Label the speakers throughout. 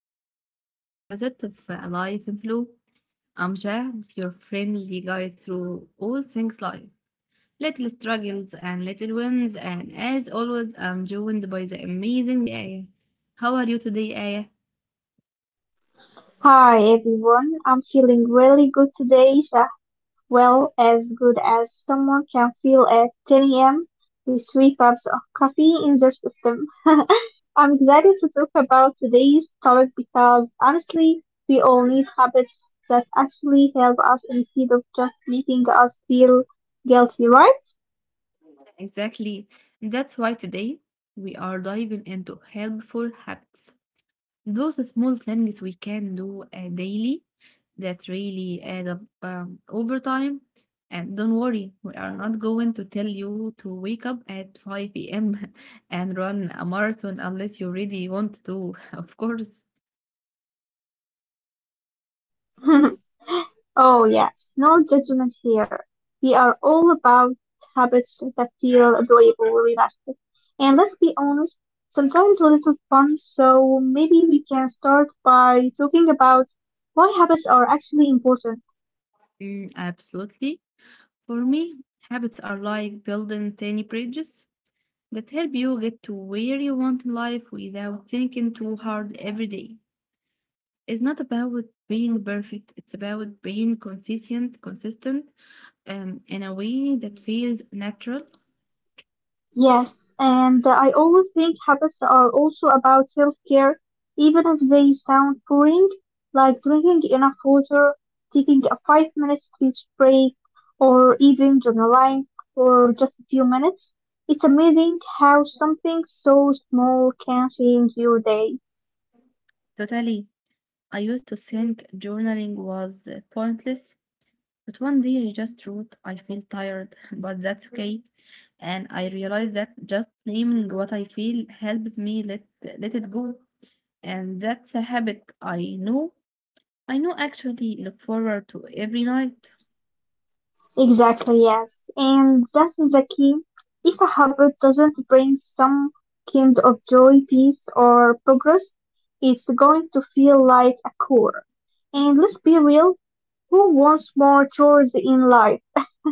Speaker 1: to the another episode of Life in Flow. I'm Jad, your friendly guide through all things life, little struggles and little wins, and as always, I'm joined by the amazing Aya. How are you today, Aya?
Speaker 2: Hi everyone, I'm feeling really good today, Isha. Well, as good as someone can feel at 10 a.m. with three cups of coffee in their system. I'm excited to talk about today's topic because honestly, we all need habits that actually help us instead of just making us feel guilty, right?
Speaker 1: Exactly. That's why today we are diving into helpful habits. Those small things we can do daily that really add up over time. And don't worry, we are not going to tell you to wake up at 5 p.m. and run a marathon, unless you really want to, of course.
Speaker 2: Oh yes, no judgment here. We are all about habits that feel enjoyable, realistic, and let's be honest, sometimes a little fun. So maybe we can start by talking about why habits are actually important.
Speaker 1: Mm, absolutely. For me, habits are like building tiny bridges that help you get to where you want in life without thinking too hard every day. It's not about being perfect, it's about being consistent in a way that feels natural.
Speaker 2: Yes, and I always think habits are also about self-care, even if they sound boring, like drinking enough water, taking a 5 minute speech break, or even journaling for just a few minutes. It's amazing how something so small can change your day.
Speaker 1: Totally. I used to think journaling was pointless, but one day I just wrote, I feel tired, but that's okay. And I realized that just naming what I feel helps me let it go. And that's a habit I know. I know actually look forward to every night.
Speaker 2: Exactly, yes. And that's the key. If a habit doesn't bring some kind of joy, peace, or progress, it's going to feel like a chore.
Speaker 1: Not
Speaker 2: And let's be real, who wants more chores in life?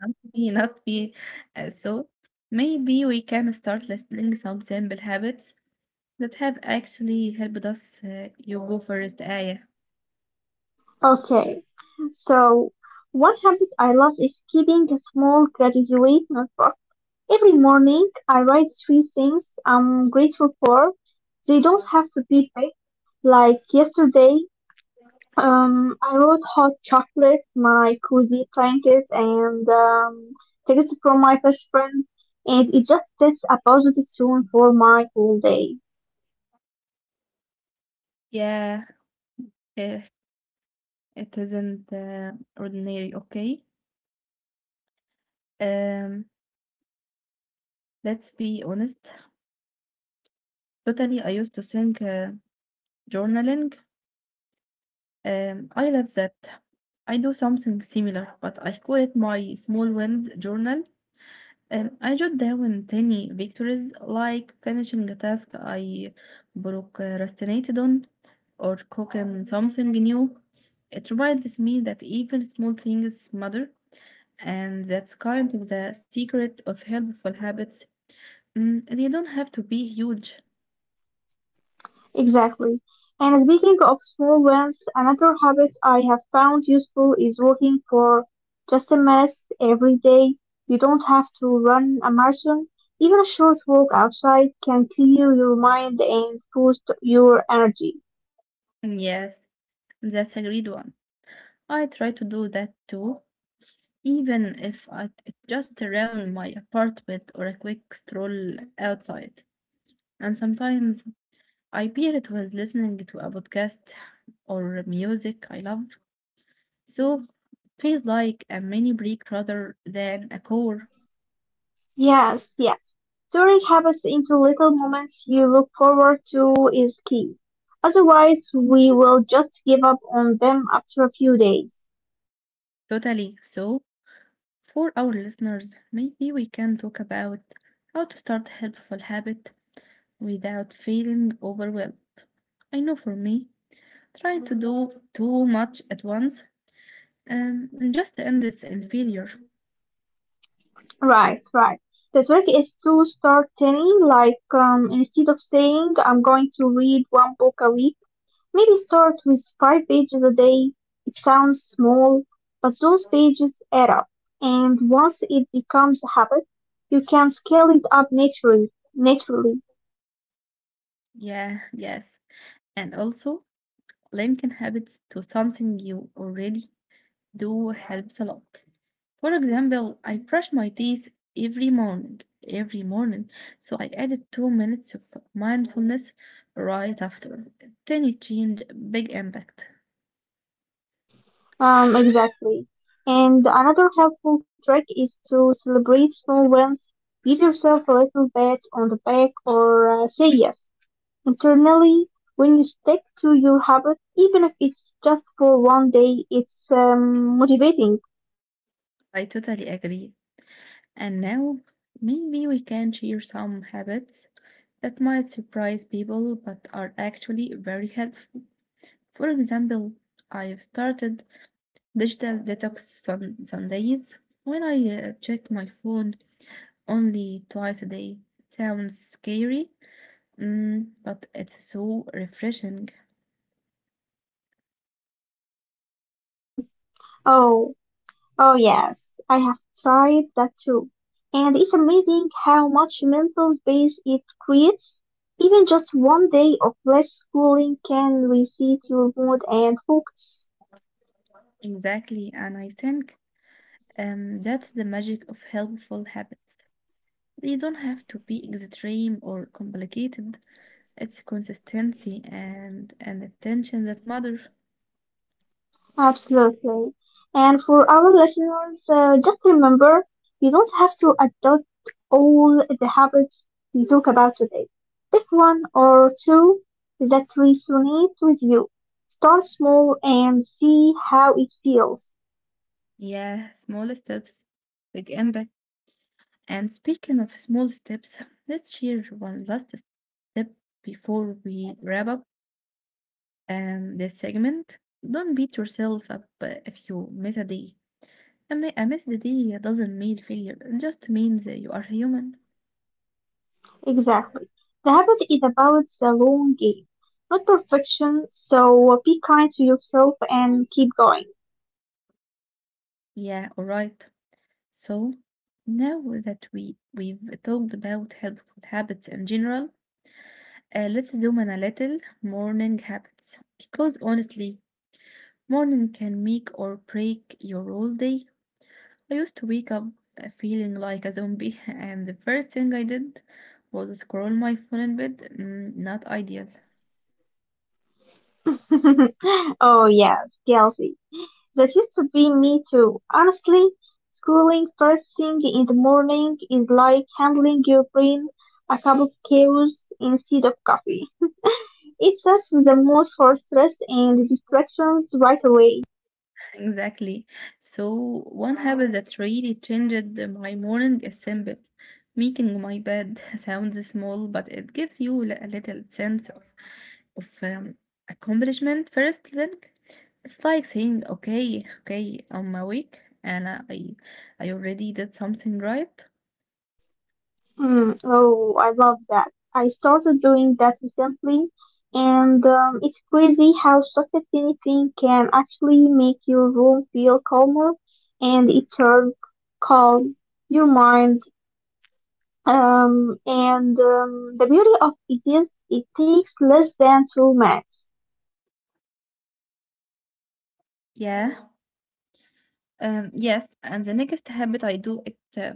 Speaker 1: be, not be. So maybe we can start listing some simple habits that have actually helped us. You go first, Aya.
Speaker 2: Okay, so one habit I love is keeping a small gratitude notebook. Every morning, I write three things I'm grateful for. They don't have to be big. Like yesterday, I wrote hot chocolate, my cozy blanket, and tickets from my best friend, and it just sets a positive tone for my whole day.
Speaker 1: Yeah, if it isn't ordinary, okay? Um, let's be honest. Totally, I used to think journaling. I love that. I do something similar, but I call it my small wins journal. I jot down tiny victories like finishing a task I procrastinated on, or cooking something new. It reminds me that even small things matter, and that's kind of the secret of helpful habits. Mm, they don't have to be huge.
Speaker 2: Exactly. And speaking of small wins, another habit I have found useful is walking for just a minute every day. You don't have to run a marathon. Even a short walk outside can clear your mind and boost your energy.
Speaker 1: Yes, that's a great one. I try to do that too, even if it's just around my apartment or a quick stroll outside. And sometimes I peer it was listening to a podcast or music I love. So it feels like a mini break rather than a core.
Speaker 2: Yes, yes. Turning habits into little moments you look forward to is key. Otherwise, we will just give up on them after a few days.
Speaker 1: Totally. So for our listeners, maybe we can talk about how to start helpful habit without feeling overwhelmed. I know for me, trying to do too much at once and just ends in failure.
Speaker 2: Right, right. The trick is to start tiny, like instead of saying I'm going to read one book a week, maybe start with five pages a day. It sounds small, but those pages add up. And once it becomes a habit, you can scale it up naturally.
Speaker 1: Yeah, yes. And also, linking habits to something you already do helps a lot. For example, I brush my teeth every morning, every morning. So I added 2 minutes of mindfulness right after. Tiny change, big impact.
Speaker 2: Exactly. And another helpful trick is to celebrate small wins. Give yourself a little pat on the back or say yes internally when you stick to your habit, even if it's just for one day. It's motivating.
Speaker 1: I totally agree. And now maybe we can share some habits that might surprise people but are actually very helpful. For example, I've started digital detox Sundays, when I check my phone only twice a day. Sounds scary, mm, but it's so refreshing.
Speaker 2: Oh, oh yes, I have tried that too, and it's amazing how much mental space it creates. Even just one day of less schooling can reset your mood and focus.
Speaker 1: Exactly, and I think that's the magic of helpful habits. They don't have to be extreme or complicated. It's consistency and attention that matter.
Speaker 2: Absolutely. And for our listeners, just remember you don't have to adopt all the habits we talk about today. Pick one or two that resonate with you. Start small and see how it feels.
Speaker 1: Yeah, small steps, big impact. And speaking of small steps, let's share one last step before we wrap up this segment. Don't beat yourself up if you miss a day. A missed day doesn't mean failure, it just means that you are human.
Speaker 2: Exactly. The habit is about the long game, not perfection, so be kind to yourself and keep going.
Speaker 1: Yeah, alright. So, now that we've talked about helpful habits in general, let's zoom in a little. Morning habits. Because honestly, morning can make or break your whole day. I used to wake up feeling like a zombie, and the first thing I did was scroll my phone in bed. Mm, not ideal.
Speaker 2: Oh, yes, Kelsey. That used to be me too. Honestly, scrolling first thing in the morning is like handling your brain a cup of chaos instead of coffee. It sets the mood for stress and distractions right away.
Speaker 1: Exactly. So, one habit that really changed my morning is simple. Making my bed sounds small, but it gives you a little sense of accomplishment first thing. It's like saying, okay, okay, I'm awake and I already did something right.
Speaker 2: Mm. Oh, I love that. I started doing that recently, and it's crazy how socket anything can actually make your room feel calmer, and it turns calm your mind and The beauty of it is it takes less than 2 minutes.
Speaker 1: Yeah. Yes, and the next habit I do it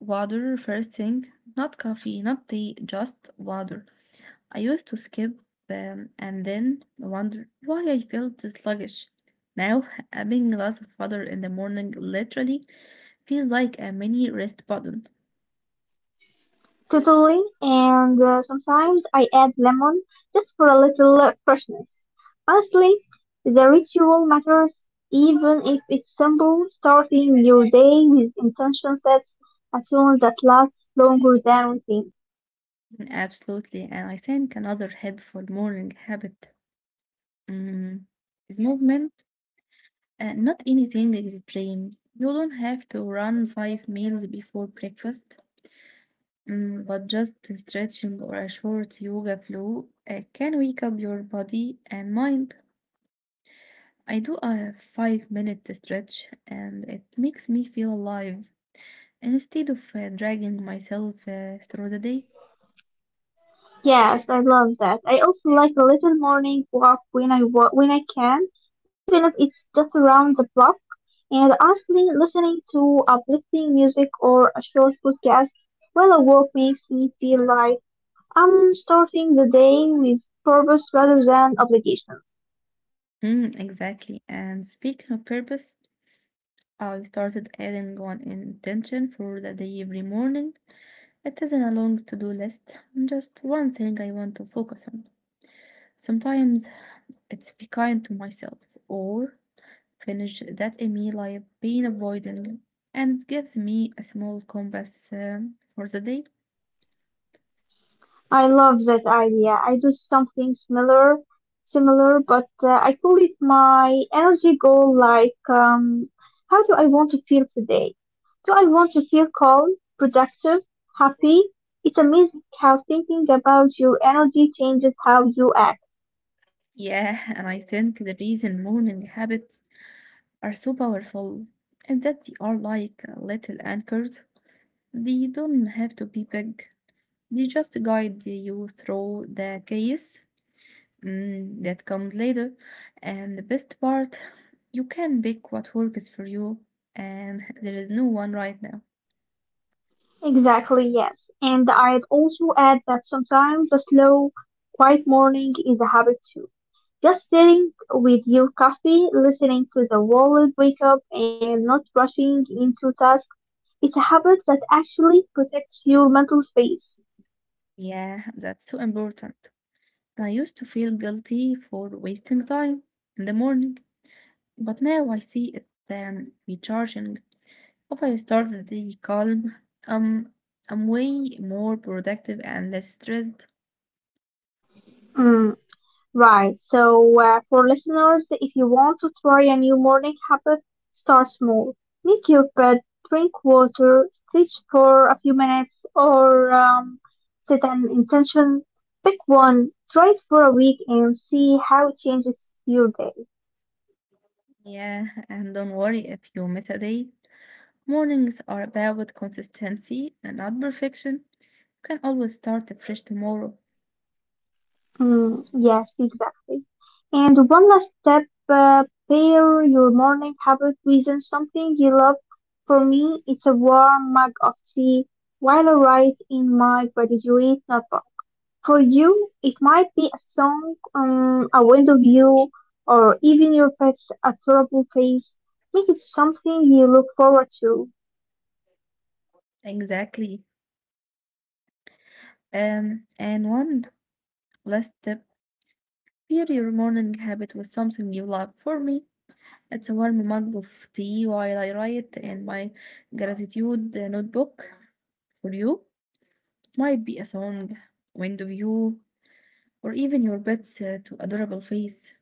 Speaker 1: water first thing, not coffee, not tea, just water. I used to skip and then wonder why I felt sluggish. Now, having a glass of water in the morning literally feels like a mini rest button.
Speaker 2: Totally. And sometimes I add lemon just for a little freshness. Honestly, the ritual matters even if it's simple. Starting your day with intention sets a tone that lasts longer than routine.
Speaker 1: Absolutely, and I think another helpful morning habit mm, is movement. Not anything extreme. You don't have to run five meals before breakfast, mm, but just stretching or a short yoga flow can wake up your body and mind. I do a 5 minute stretch and it makes me feel alive instead of dragging myself through the day.
Speaker 2: Yes, I love that. I also like a little morning walk when I can, even if it's just around the block. And honestly, listening to uplifting music or a short podcast while I walk makes me feel like I'm starting the day with purpose rather than obligation.
Speaker 1: Mm, exactly. And speaking of purpose, I started adding one intention for the day every morning. It isn't a long to-do list, just one thing I want to focus on. Sometimes it's be kind to myself, or finish that email I've been avoiding, and it gives me a small compass for the day.
Speaker 2: I love that idea. I do something similar, but I call it my energy goal. Like, how do I want to feel today? Do I want to feel calm, productive, happy? It's amazing how thinking about your energy changes how you act.
Speaker 1: Yeah, and I think the reason morning habits are so powerful is that they are like little anchors. They don't have to be big. They just guide you through the chaos mm, that comes later. And the best part, you can pick what works for you, and there is no one right now.
Speaker 2: Exactly, yes. And I'd also add that sometimes a slow, quiet morning is a habit too. Just sitting with your coffee, listening to the world wake up and not rushing into tasks, it's a habit that actually protects your mental space.
Speaker 1: Yeah, that's so important. I used to feel guilty for wasting time in the morning, but now I see it recharging. If I start the day calm, um, I'm way more productive and less stressed.
Speaker 2: Mm, right, so for listeners, if you want to try a new morning habit, start small. Make your bed, drink water, stretch for a few minutes, or set an intention. Pick one, try it for a week, and see how it changes your day.
Speaker 1: Yeah, and don't worry if you miss a day, mornings are about consistency and not perfection. You can always start afresh tomorrow.
Speaker 2: Mm, yes, exactly. And one last step, uh, pair your morning habit with something you love. For me, it's a warm mug of tea while I write in my gratitude notebook. For you, it might be a song, a window view, or even your pet's adorable face. Make it something you look forward to.
Speaker 1: Exactly. And one last tip, pair your morning habit with something you love. For me, it's a warm mug of tea while I write in my gratitude notebook. For you, it might be a song, window view, or even your pet's to adorable face.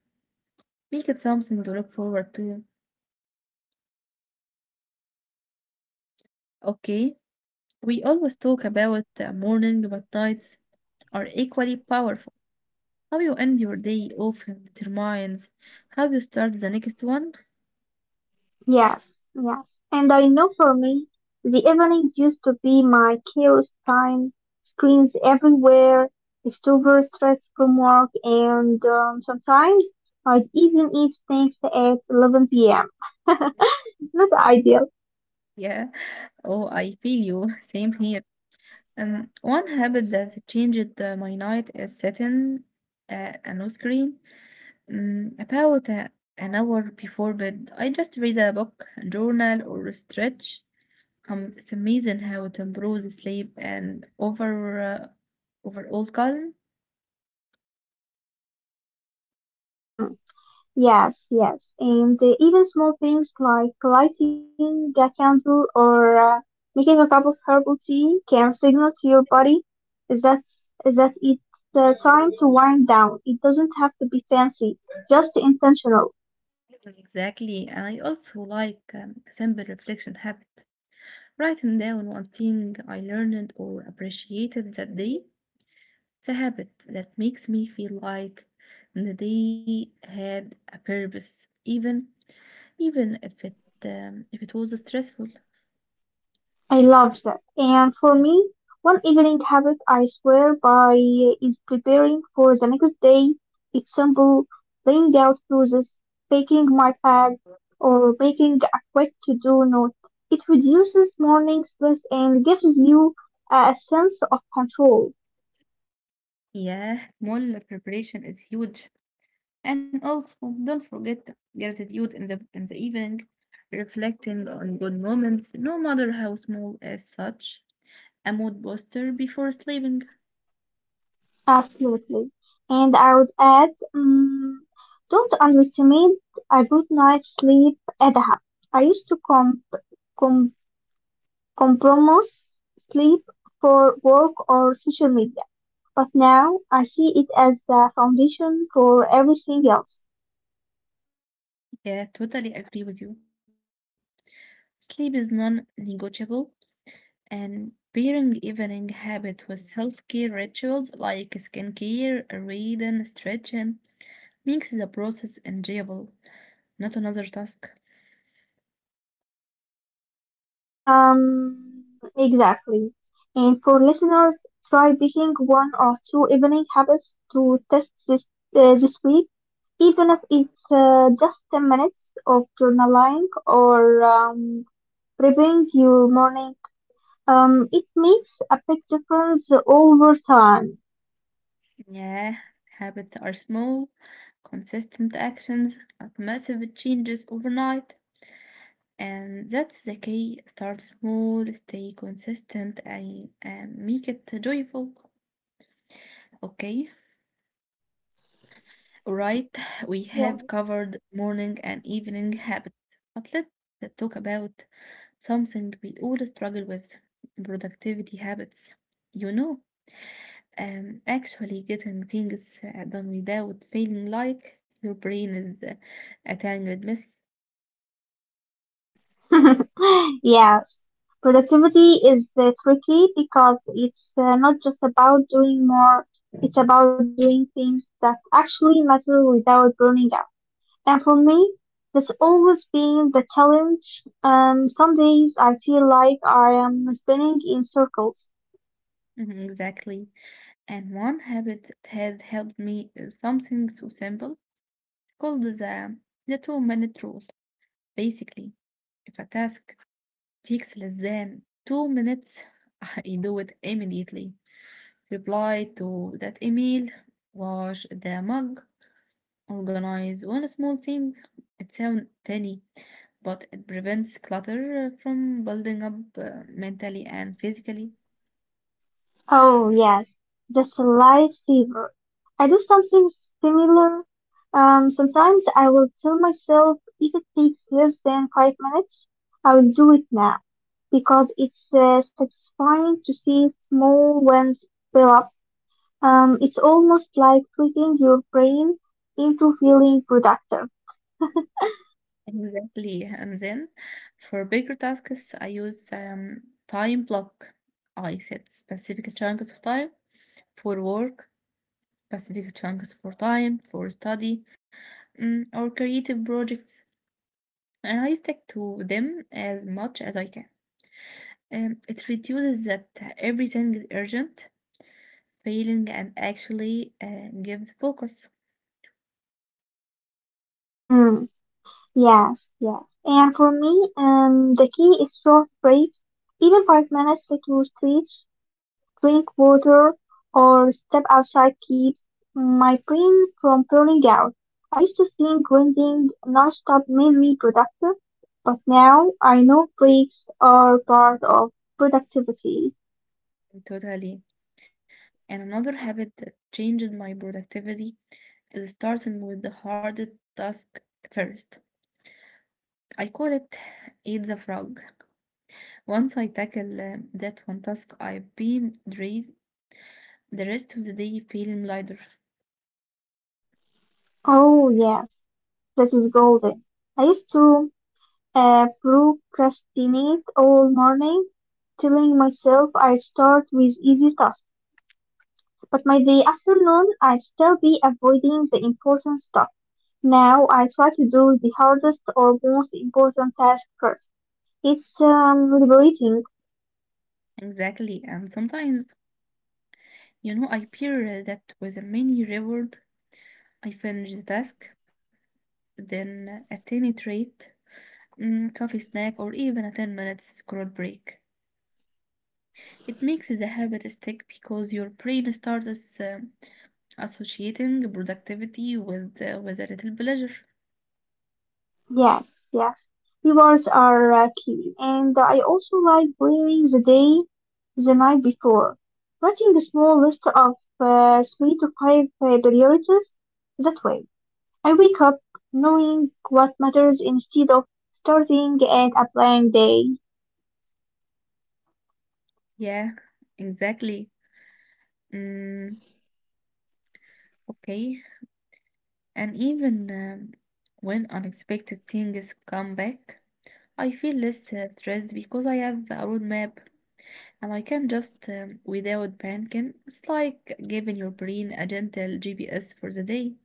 Speaker 1: Make it something you look forward to. Okay, we always talk about the morning, but nights are equally powerful. How you end your day often determines how you start the next one.
Speaker 2: Yes, yes. And I know for me, the evening used to be my chaos time, screens everywhere, leftover stress from work, and sometimes I'd even eat snacks at 11 p.m. Not ideal.
Speaker 1: Yeah. Oh, I feel you. Same here. One habit that changed my night is setting a no screen. About an hour before bed, I just read a book, journal, or stretch. It's amazing how it improves sleep and overall calm.
Speaker 2: Mm, yes, yes. And even small things like lighting a candle or making a cup of herbal tea can signal to your body. Is that is that it's time to wind down. It doesn't have to be fancy, just intentional.
Speaker 1: Exactly. I also like a simple reflection habit, writing down one thing I learned or appreciated that day. It's a habit that makes me feel like the day had a purpose, even if it was stressful.
Speaker 2: I love that. And for me, one evening habit I swear by is preparing for the next day. It's simple, laying out cruises, taking my bag, or making a quick to-do note. It reduces morning stress and gives you a sense of control.
Speaker 1: Yeah, small preparation is huge. And also, don't forget gratitude in the evening, reflecting on good moments, no matter how small as such. A mood booster before sleeping.
Speaker 2: Absolutely. And I would add, mm don't underestimate a good night's sleep at a hub. I used to com- compromise sleep for work or social media, but now I see it as the foundation for everything else.
Speaker 1: Yeah, totally agree with you. Sleep is non-negotiable. And pairing evening habit with self-care rituals like skincare, reading, stretching makes the process enjoyable, not another task.
Speaker 2: Um, exactly. And for listeners, try picking one or two evening habits to test this week, even if it's just 10 minutes of journaling or prepping your morning. It makes a big difference over time.
Speaker 1: Yeah, habits are small, consistent actions, not massive changes overnight. And that's the key. Start small, stay consistent, and make it joyful. Okay, alright, we
Speaker 2: Yeah.
Speaker 1: have covered morning and evening habits, but let's talk about something we all struggle with. Productivity habits. You know, actually getting things done without feeling like your brain is a tangled mess.
Speaker 2: Yes, productivity is tricky because it's not just about doing more, it's about doing things that actually matter without burning out. And for me, that's always been the challenge. Some days I feel like I am spinning in circles.
Speaker 1: Mhm, exactly. And one habit that has helped me is something so simple. It's called the 2 minute rule. Basically, if a task takes less than 2 minutes, I do it immediately. Reply to that email, wash the mug, organize one small thing. It sounds tiny, but it prevents clutter from building up mentally and physically.
Speaker 2: Oh yes, that's a lifesaver. I do something similar. Sometimes I will tell myself if it takes less than 5 minutes, I will do it now because it's satisfying to see small wins fill up. It's almost like tricking your brain into feeling productive.
Speaker 1: Exactly. And then for bigger tasks, I use time block. I set specific chunks of time for work, specific chunks for time, for study, mm, or creative projects, and I stick to them as much as I can. It reduces that everything is urgent failing and actually gives focus.
Speaker 2: Hmm. Yes, yes. And for me, the key is short breaks, even 5 minutes to stretch, drink water, or step outside keeps my brain from burning out. I used to think grinding nonstop made me productive, but now I know breaks are part of productivity.
Speaker 1: Totally. And another habit that changes my productivity is starting with the hardest task first. I call it eat the frog. Once I tackle that one task, I've been drained the rest of the day feeling lighter.
Speaker 2: Oh yes, that is golden. I used to I procrastinate all morning, telling myself I start with easy tasks, but by the afternoon I still be avoiding the important stuff. Now I try to do the hardest or most important task first. It's liberating.
Speaker 1: Exactly, and sometimes, you know, I pair that with a mini reward. I finish the task, then a tiny treat, mm, coffee snack, or even a 10 minutes scroll break. It makes the habit stick because your brain starts associating productivity with a little pleasure.
Speaker 2: Yes, yes. Rewards are key, and I also like planning the day the night before. Writing a small list of three to five priorities that way. I wake up knowing what matters instead of starting at a blank day.
Speaker 1: Yeah, exactly. Mm, okay. And even when unexpected things come back, I feel less stressed because I have a roadmap. And I can just, without panicking, it's like giving your brain a gentle GPS for the day.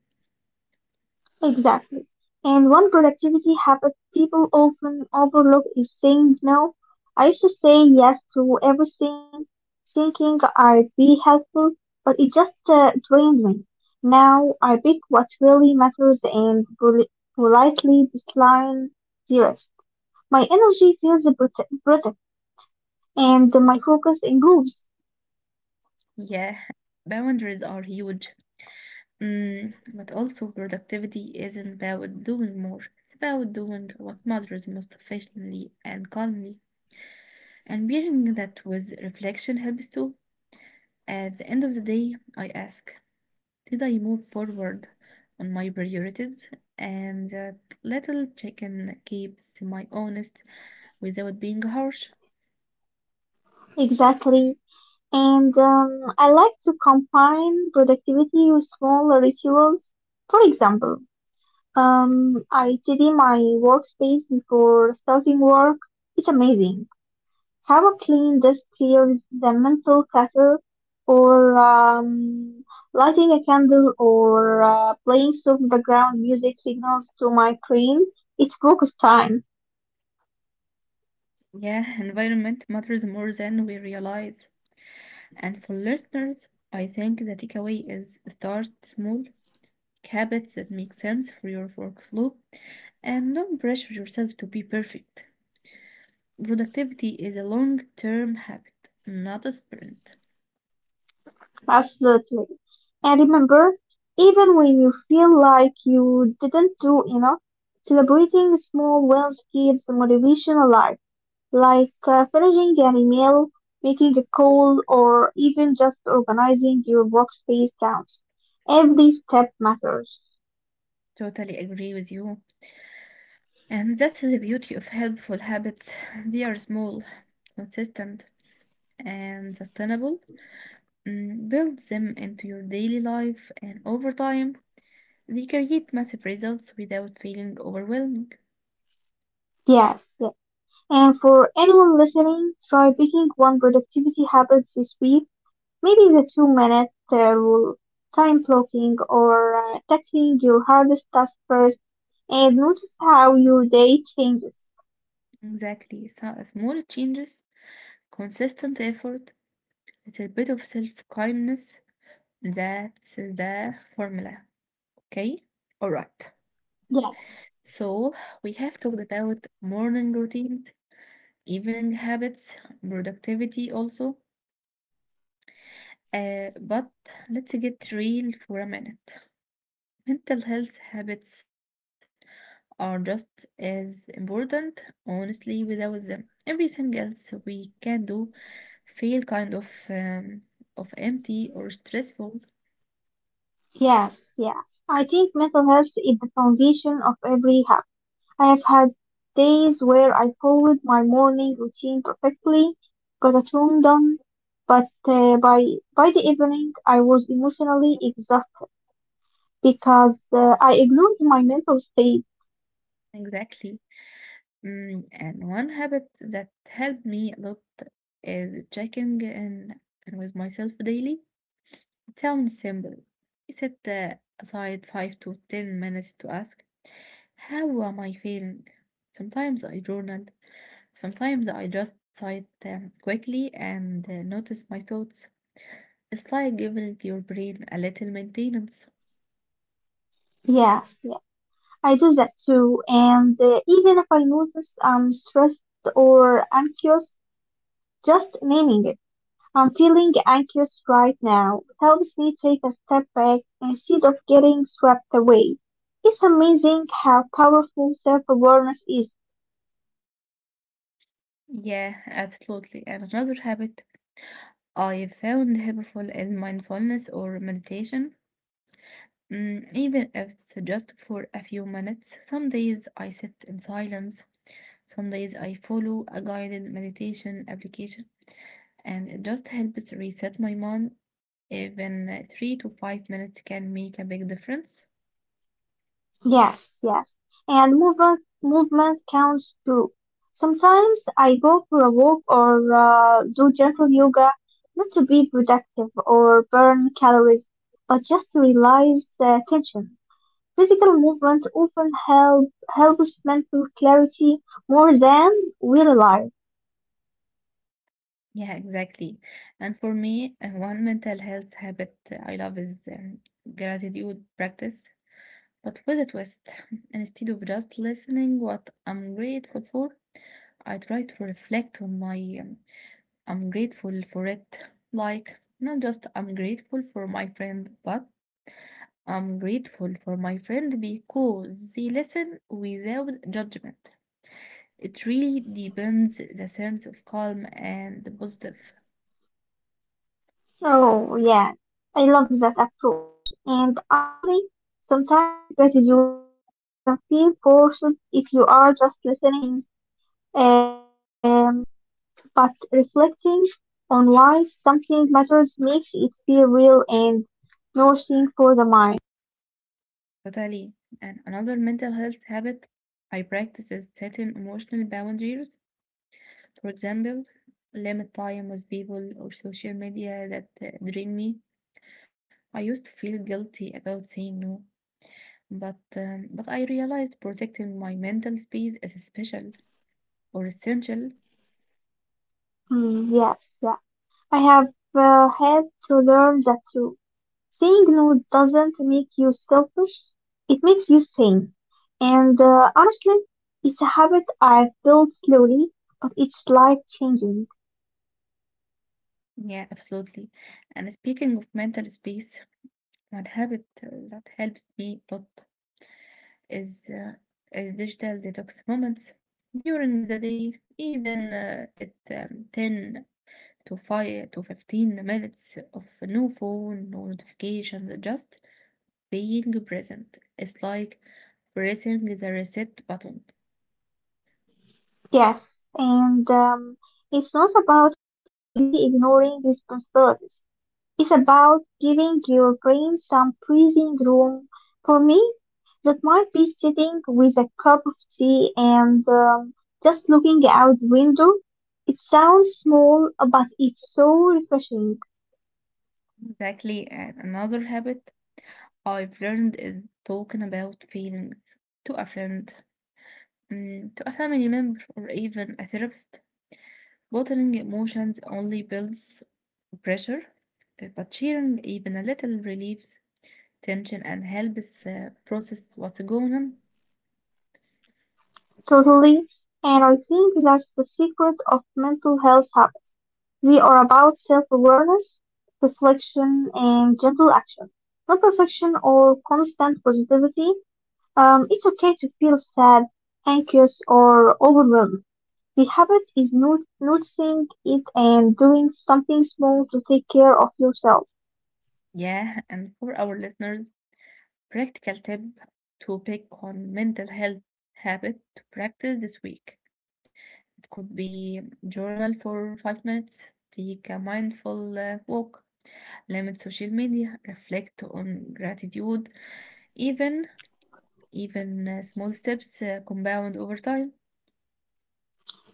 Speaker 2: Exactly. And one productivity habit people often overlook is saying no. I used to say yes to everything, thinking I'd be helpful, but it just drained me. Now I pick what really matters and politely decline the rest. My energy feels protected and my focus improves.
Speaker 1: Yeah, boundaries are huge. Mm, but also, productivity isn't about doing more, it's about doing what matters most efficiently and calmly. And bearing that with reflection helps too. At the end of the day, I ask, did I move forward on my priorities? And that little chicken keeps my honest without being harsh.
Speaker 2: Exactly. And I like to combine productivity with small rituals. For example, I tidy my workspace before starting work. It's amazing how a clean desk clears the mental clutter, or lighting a candle, or playing soft background music signals to my brain. It's focus time,
Speaker 1: Yeah, environment matters more than we realize. And for listeners, I think the takeaway is start small, habits that make sense for your workflow, and don't pressure yourself to be perfect. Productivity is a long term habit, not a sprint.
Speaker 2: absolutely. And remember, even when you feel like you didn't do enough, celebrating small wins keeps motivation alive, like finishing an email, making a call, or even just organizing your workspace counts. Every step matters.
Speaker 1: Totally agree with you. And that's the beauty of helpful habits. They are small, consistent, and sustainable. Mm, build them into your daily life, and over time, they create massive results without feeling overwhelming.
Speaker 2: Yes, yes. And for anyone listening, try picking one productivity habit this week. Maybe the 2 minutes rule, time blocking, or tackling your hardest task first, and notice how your day changes.
Speaker 1: Exactly. So, small changes, consistent effort, little bit of self kindness. That's the formula. Okay? Alright.
Speaker 2: Yes,
Speaker 1: So, we have talked about morning routines, evening habits, productivity also. But let's get real for a minute. Mental health habits are just as important, honestly, without them. Everything else we can do feel kind of of empty or stressful.
Speaker 2: yes, yes. I think mental health is the foundation of every health. I have had days where I followed my morning routine perfectly, got a tone done, but by the evening I was emotionally exhausted because I ignored my mental state.
Speaker 1: Exactly. Mm, and one habit that helped me a lot is checking in with myself daily. Sounds simple. Set aside 5 to 10 minutes to ask, how am I feeling? Sometimes I journal. Sometimes I just sigh quickly and notice my thoughts. It's like giving your brain a little maintenance.
Speaker 2: Yes, yes. I do that too, and even if I notice I'm stressed or anxious, just naming it. I'm feeling anxious right now helps me take a step back instead of getting swept away. It's amazing how powerful self awareness is.
Speaker 1: Yeah, absolutely. And another habit I found helpful is mindfulness or meditation. Mm, even if it's just for a few minutes, some days I sit in silence. Some days I follow a guided meditation application, and it just helps reset my mind. Even 3 to 5 minutes can make a big difference.
Speaker 2: Yes, yes. And movement counts too. Sometimes I go for a walk or do gentle yoga, not to be productive or burn calories, but just to release tension. Physical movement often helps mental clarity more than we realize.
Speaker 1: Yeah, exactly. And for me, one mental health habit I love is gratitude practice, but with a twist. Instead of just listening what I'm grateful for, I try to reflect on my I'm grateful for it. Like, not just I'm grateful for my friend, but I'm grateful for my friend because they listen without judgment. It really deepens the sense of calm and positive.
Speaker 2: Oh yeah, I love that approach. And honestly, sometimes gratitude can feel forced if you are just listening. Um, but reflecting on why something matters makes it feel real and nourishing for the mind.
Speaker 1: Totally. And another mental health habit I practice is setting emotional boundaries. For example, limit time with people or social media that drain me. I used to feel guilty about saying no, but I realized protecting my mental space is special or essential.
Speaker 2: Mm, yes, yeah. I have had to learn that too. Saying no doesn't make you selfish, it makes you sane. And honestly, it's a habit I've built slowly, but it's life changing.
Speaker 1: Yeah, absolutely. And speaking of mental space, one habit that helps me a lot is a digital detox moments during the day, even at 10 to 5 to 15 minutes of no phone, no notifications, just being present. It's like pressing the reset button.
Speaker 2: Yes, and it's not about completely ignoring responsibilities. It's about giving your brain some breathing room. For me, that might be sitting with a cup of tea and just looking out the window. It sounds small, but it's so refreshing.
Speaker 1: Exactly. And another habit I've learned is talking about feelings to a friend, mm, to a family member, or even a therapist. Bottling emotions only builds pressure, but sharing even a little relieves tension and helps process what's going on.
Speaker 2: Totally. And I think that's the secret of mental health habits. We are about self-awareness, reflection, and gentle action. Not perfection or constant positivity. It's okay to feel sad, anxious, or overwhelmed. The habit is noticing it and doing something small to take care of yourself.
Speaker 1: Yeah, and for our listeners, practical tip to pick on mental health habit to practice this week. It could be journal for 5 minutes, take a mindful walk, limit social media, reflect on gratitude, even even small steps compound over time.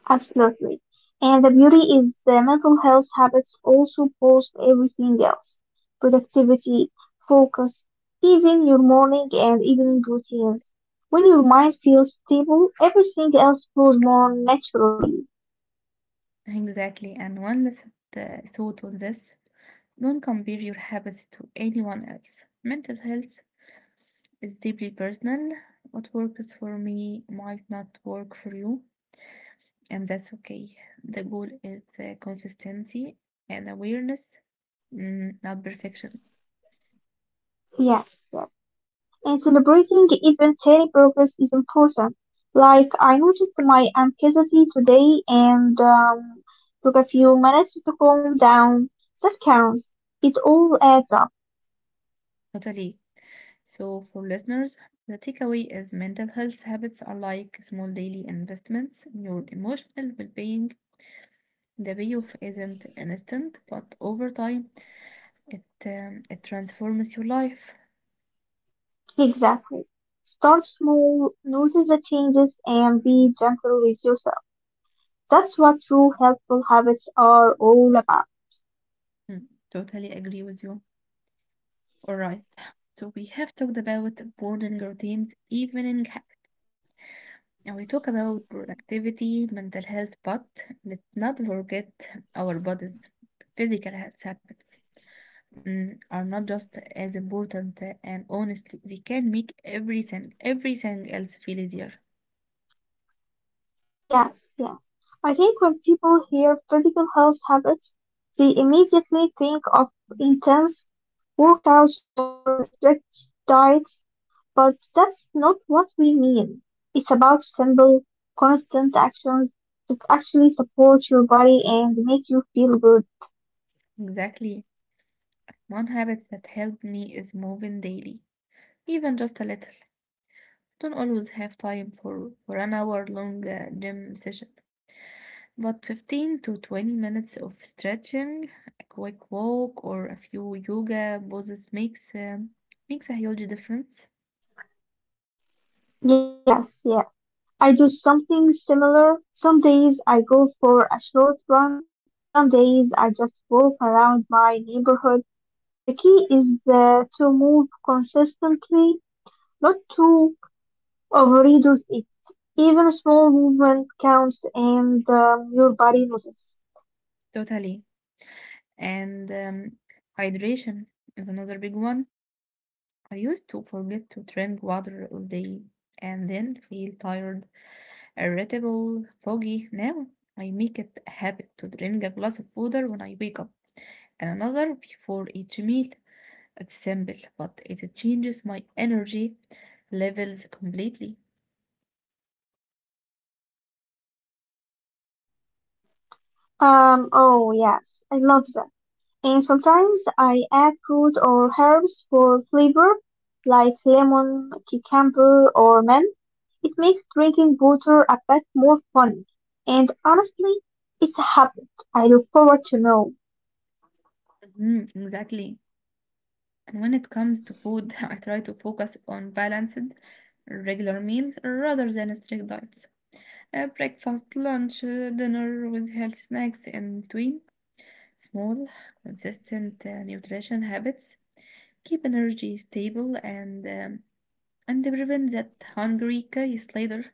Speaker 2: Absolutely. And the beauty is the mental health habits also boost everything else. Productivity, focus, even your morning and evening routines. When your mind feels stable, everything else flows more naturally.
Speaker 1: Exactly, and one last thought on this: don't compare your habits to anyone else. Mental health, it's deeply personal. What works for me might not work for you, and that's okay. The goal is consistency and awareness, mm, not perfection.
Speaker 2: Yes, yes. And celebrating even tiny progress is important. Like, I noticed my anxiety today and took a few minutes to calm down. That counts. It all adds up.
Speaker 1: Totally. So, for listeners, the takeaway is mental health habits are like small daily investments in your emotional well being. The payoff isn't instant, but over time, it transforms your life.
Speaker 2: Exactly. Start small, notice the changes, and be gentle with yourself. That's what true helpful habits are all about.
Speaker 1: Mm, totally agree with you. Alright, so we have talked about morning routines, evening habits, and we talk about productivity, mental health, but let's not forget our body's physical health habits mm, are not just as important, and honestly, they can make everything else feel easier.
Speaker 2: Yes, yes. I think when people hear physical health habits, they immediately think of intense workouts or strict diets, but that's not what we mean. It's about simple, constant actions that actually support your body and make you feel good.
Speaker 1: Exactly. One habit that helped me is moving daily, even just a little. Don't always have time for an hour long gym session. But 15 to 20 minutes of stretching, a quick walk, or a few yoga poses makes a huge difference.
Speaker 2: Yes, yeah. I do something similar. Some days I go for a short run. Some days I just walk around my neighborhood. The key is to move consistently, not to overdo it. Even small movement counts and your body notices.
Speaker 1: Totally. And hydration is another big one. I used to forget to drink water all day and then feel tired, irritable, foggy. Now I make it a habit to drink a glass of water when I wake up and another before each meal. It's simple, but it changes my energy levels completely.
Speaker 2: Oh yes, I love that. And sometimes I add fruit or herbs for flavor, like lemon, cucumber, or mint. It makes drinking water a bit more fun. And honestly, it's a habit I look forward to know.
Speaker 1: Mhm, exactly. And when it comes to food, I try to focus on balanced, regular meals rather than strict diets. Breakfast, lunch, dinner with healthy snacks in between. Small, consistent nutrition habits keep energy stable and they prevent that hungry case later.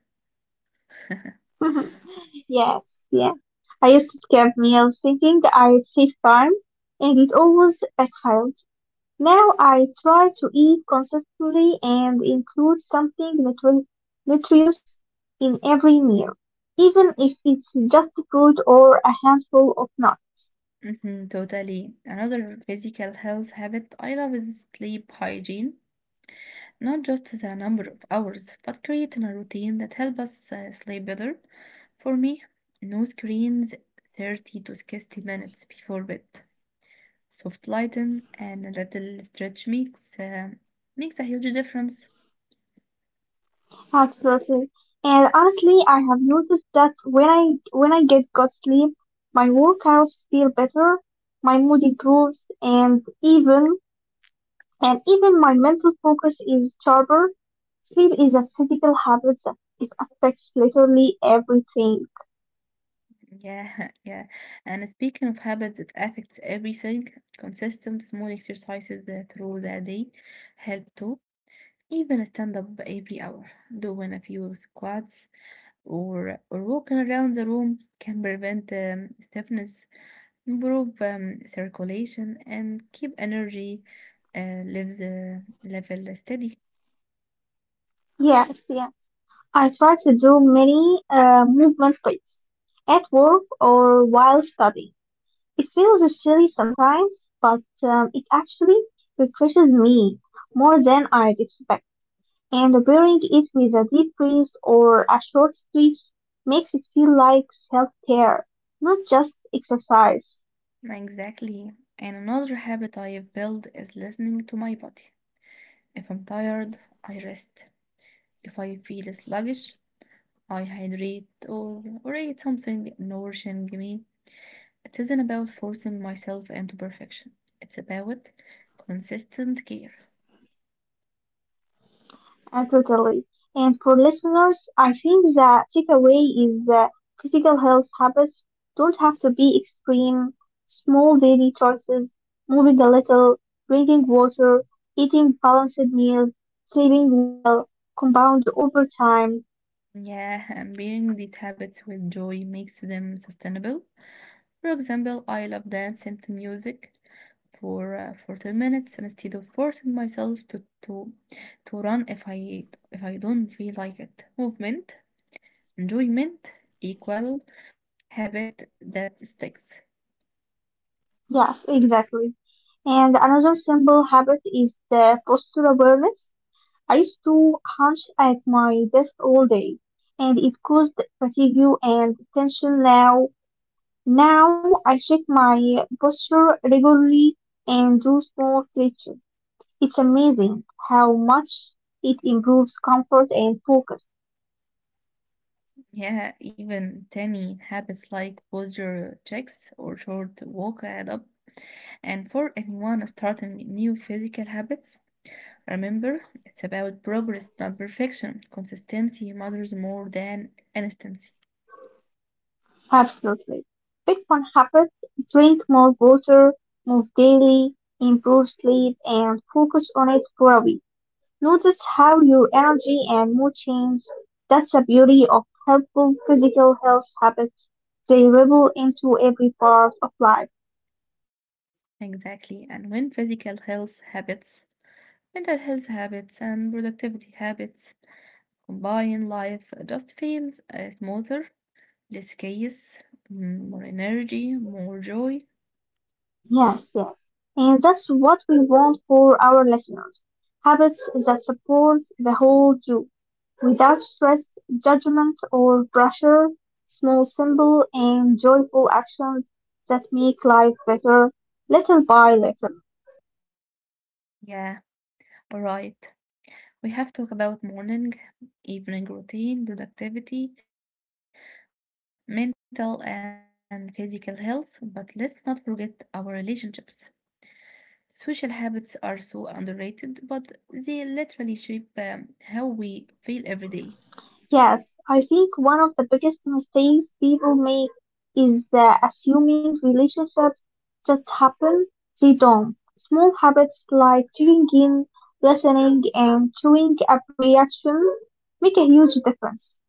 Speaker 2: Yes, yeah. I used to skip meals thinking I'd save time, and it always backfired. Now I try to eat consistently and include something nutritious in every meal, even if it's just fruit or a handful of nuts.
Speaker 1: Mhm, totally. Another physical health habit I love is sleep hygiene. Not just the number of hours, but creating a routine that helps us sleep better. For me, no screens 30 to 60 minutes before bed. Soft lighting and a little stretch makes a huge difference.
Speaker 2: Absolutely. And honestly, I have noticed that when I get good sleep, my workouts feel better, my mood improves, and even my mental focus is sharper. Sleep is a physical habit. It affects literally everything.
Speaker 1: Yeah, yeah. And speaking of habits that affects everything, consistent small exercises through the day help too. Even stand up every hour, doing a few squats or walking around the room can prevent stiffness, improve circulation, and keep energy lives level steady.
Speaker 2: Yes, yes. I try to do many movement plays at work or while studying. It feels silly sometimes, but it actually refreshes me more than I'd expect. And pairing it with a deep breath or a short stretch makes it feel like self-care, not just exercise.
Speaker 1: Exactly. And another habit I've built is listening to my body. If I'm tired, I rest. If I feel sluggish, I hydrate or eat something nourishing me. It isn't about forcing myself into perfection. It's about consistent care.
Speaker 2: Totally. And for listeners, I think the takeaway is that critical health habits don't have to be extreme. Small daily choices, moving a little, drinking water, eating balanced meals, sleeping well, compound over time.
Speaker 1: Yeah, and pairing these habits with joy makes them sustainable. For example, I love dancing to music for 40 minutes instead of forcing myself to run if I don't feel like it. Movement, enjoyment equal habit that sticks.
Speaker 2: Yes, exactly. And another simple habit is the posture awareness. I used to hunch at my desk all day, and it caused fatigue and tension now. Now I check my posture regularly and do small stretches. It's amazing how much it improves comfort and focus.
Speaker 1: Yeah, even tiny habits like posture checks or short walk add up. And for anyone starting new physical habits, remember it's about progress, not perfection. Consistency matters more than instancy.
Speaker 2: Absolutely. Pick one habit, drink more water, move daily, improve sleep, and focus on it for a week. Notice how your energy and mood change. That's the beauty of helpful physical health habits. They ripple into every part of life.
Speaker 1: Exactly. And when physical health habits, mental health habits, and productivity habits combine, life just feels smoother, less chaos, mm, more energy, more joy.
Speaker 2: Yes, yes. And that's what we want for our listeners. Habits that support the whole you without stress, judgment, or pressure. Small, simple, and joyful actions that make life better little by little.
Speaker 1: Yeah, all right. We have talked about morning, evening routine, productivity, mental and physical health, but let's not forget our relationships. Social habits are so underrated, but they literally shape how we feel every day.
Speaker 2: Yes, I think one of the biggest mistakes people make is assuming relationships just happen. They don't. Small habits like tuning in, listening, and showing up reaction make a huge difference.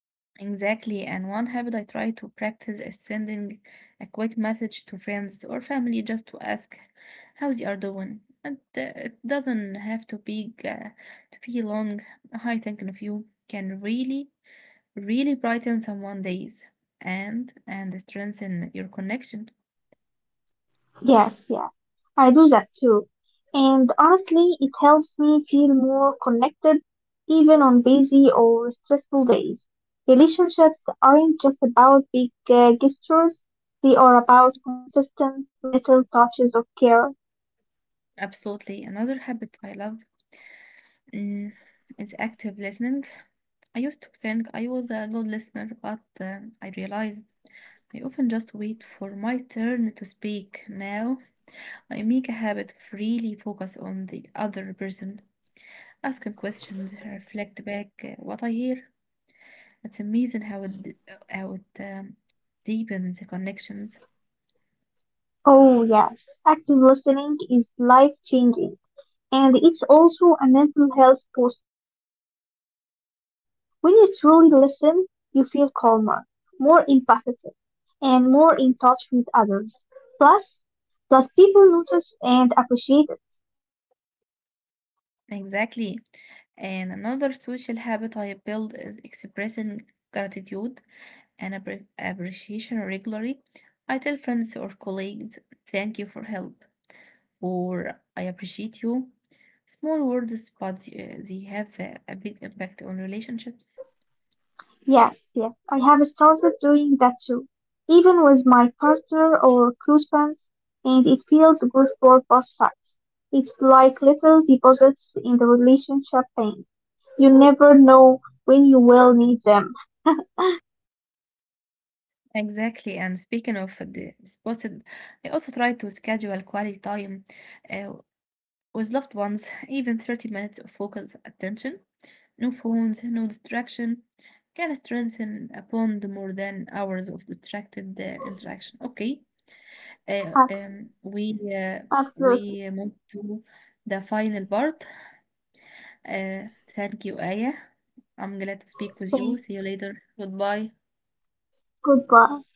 Speaker 1: Exactly, and one habit I try to practice is sending a quick message to friends or family just to ask how they are doing. And it doesn't have to be long. Hi, thinking of you can really, really brighten someone's days and strengthen your connection.
Speaker 2: Yes, yes, I do that too. And honestly, it helps me feel more connected even on busy or stressful days. Relationships aren't just about big gestures, they are about consistent little touches of care.
Speaker 1: Absolutely, another habit I love mm, is active listening. I used to think I was a good listener, but I realized I often just wait for my turn to speak. Now I make a habit of really focus on the other person, asking questions, reflect back what I hear. It's amazing how it deepens the connections.
Speaker 2: Oh yes, active listening is life changing, and it's also a mental health booster. When you truly listen, you feel calmer, more empathetic, and more in touch with others. Plus, that people notice and appreciate it.
Speaker 1: Exactly. And another social habit I build is expressing gratitude and appreciation regularly. I tell friends or colleagues, thank you for help, or I appreciate you. Small words, but they have a big impact on relationships.
Speaker 2: Yes, yes, I have started doing that too, even with my partner or close friends, and it feels good for both sides. It's like little deposits in the relationship bank. You never know when you will need them.
Speaker 1: Exactly, and speaking of the disposed, I also try to schedule quality time uh, with loved ones, even 30 minutes of focused attention. No phones, no distraction can strengthen a bond more than hours of distracted interaction. Okay, uh,
Speaker 2: Ab-
Speaker 1: um, we uh,
Speaker 2: Absolutely.
Speaker 1: we move to the final part. Uh, Thank you, Aya. I'm glad to speak with
Speaker 2: Thank you.
Speaker 1: you. See you later. Goodbye.
Speaker 2: Goodbye.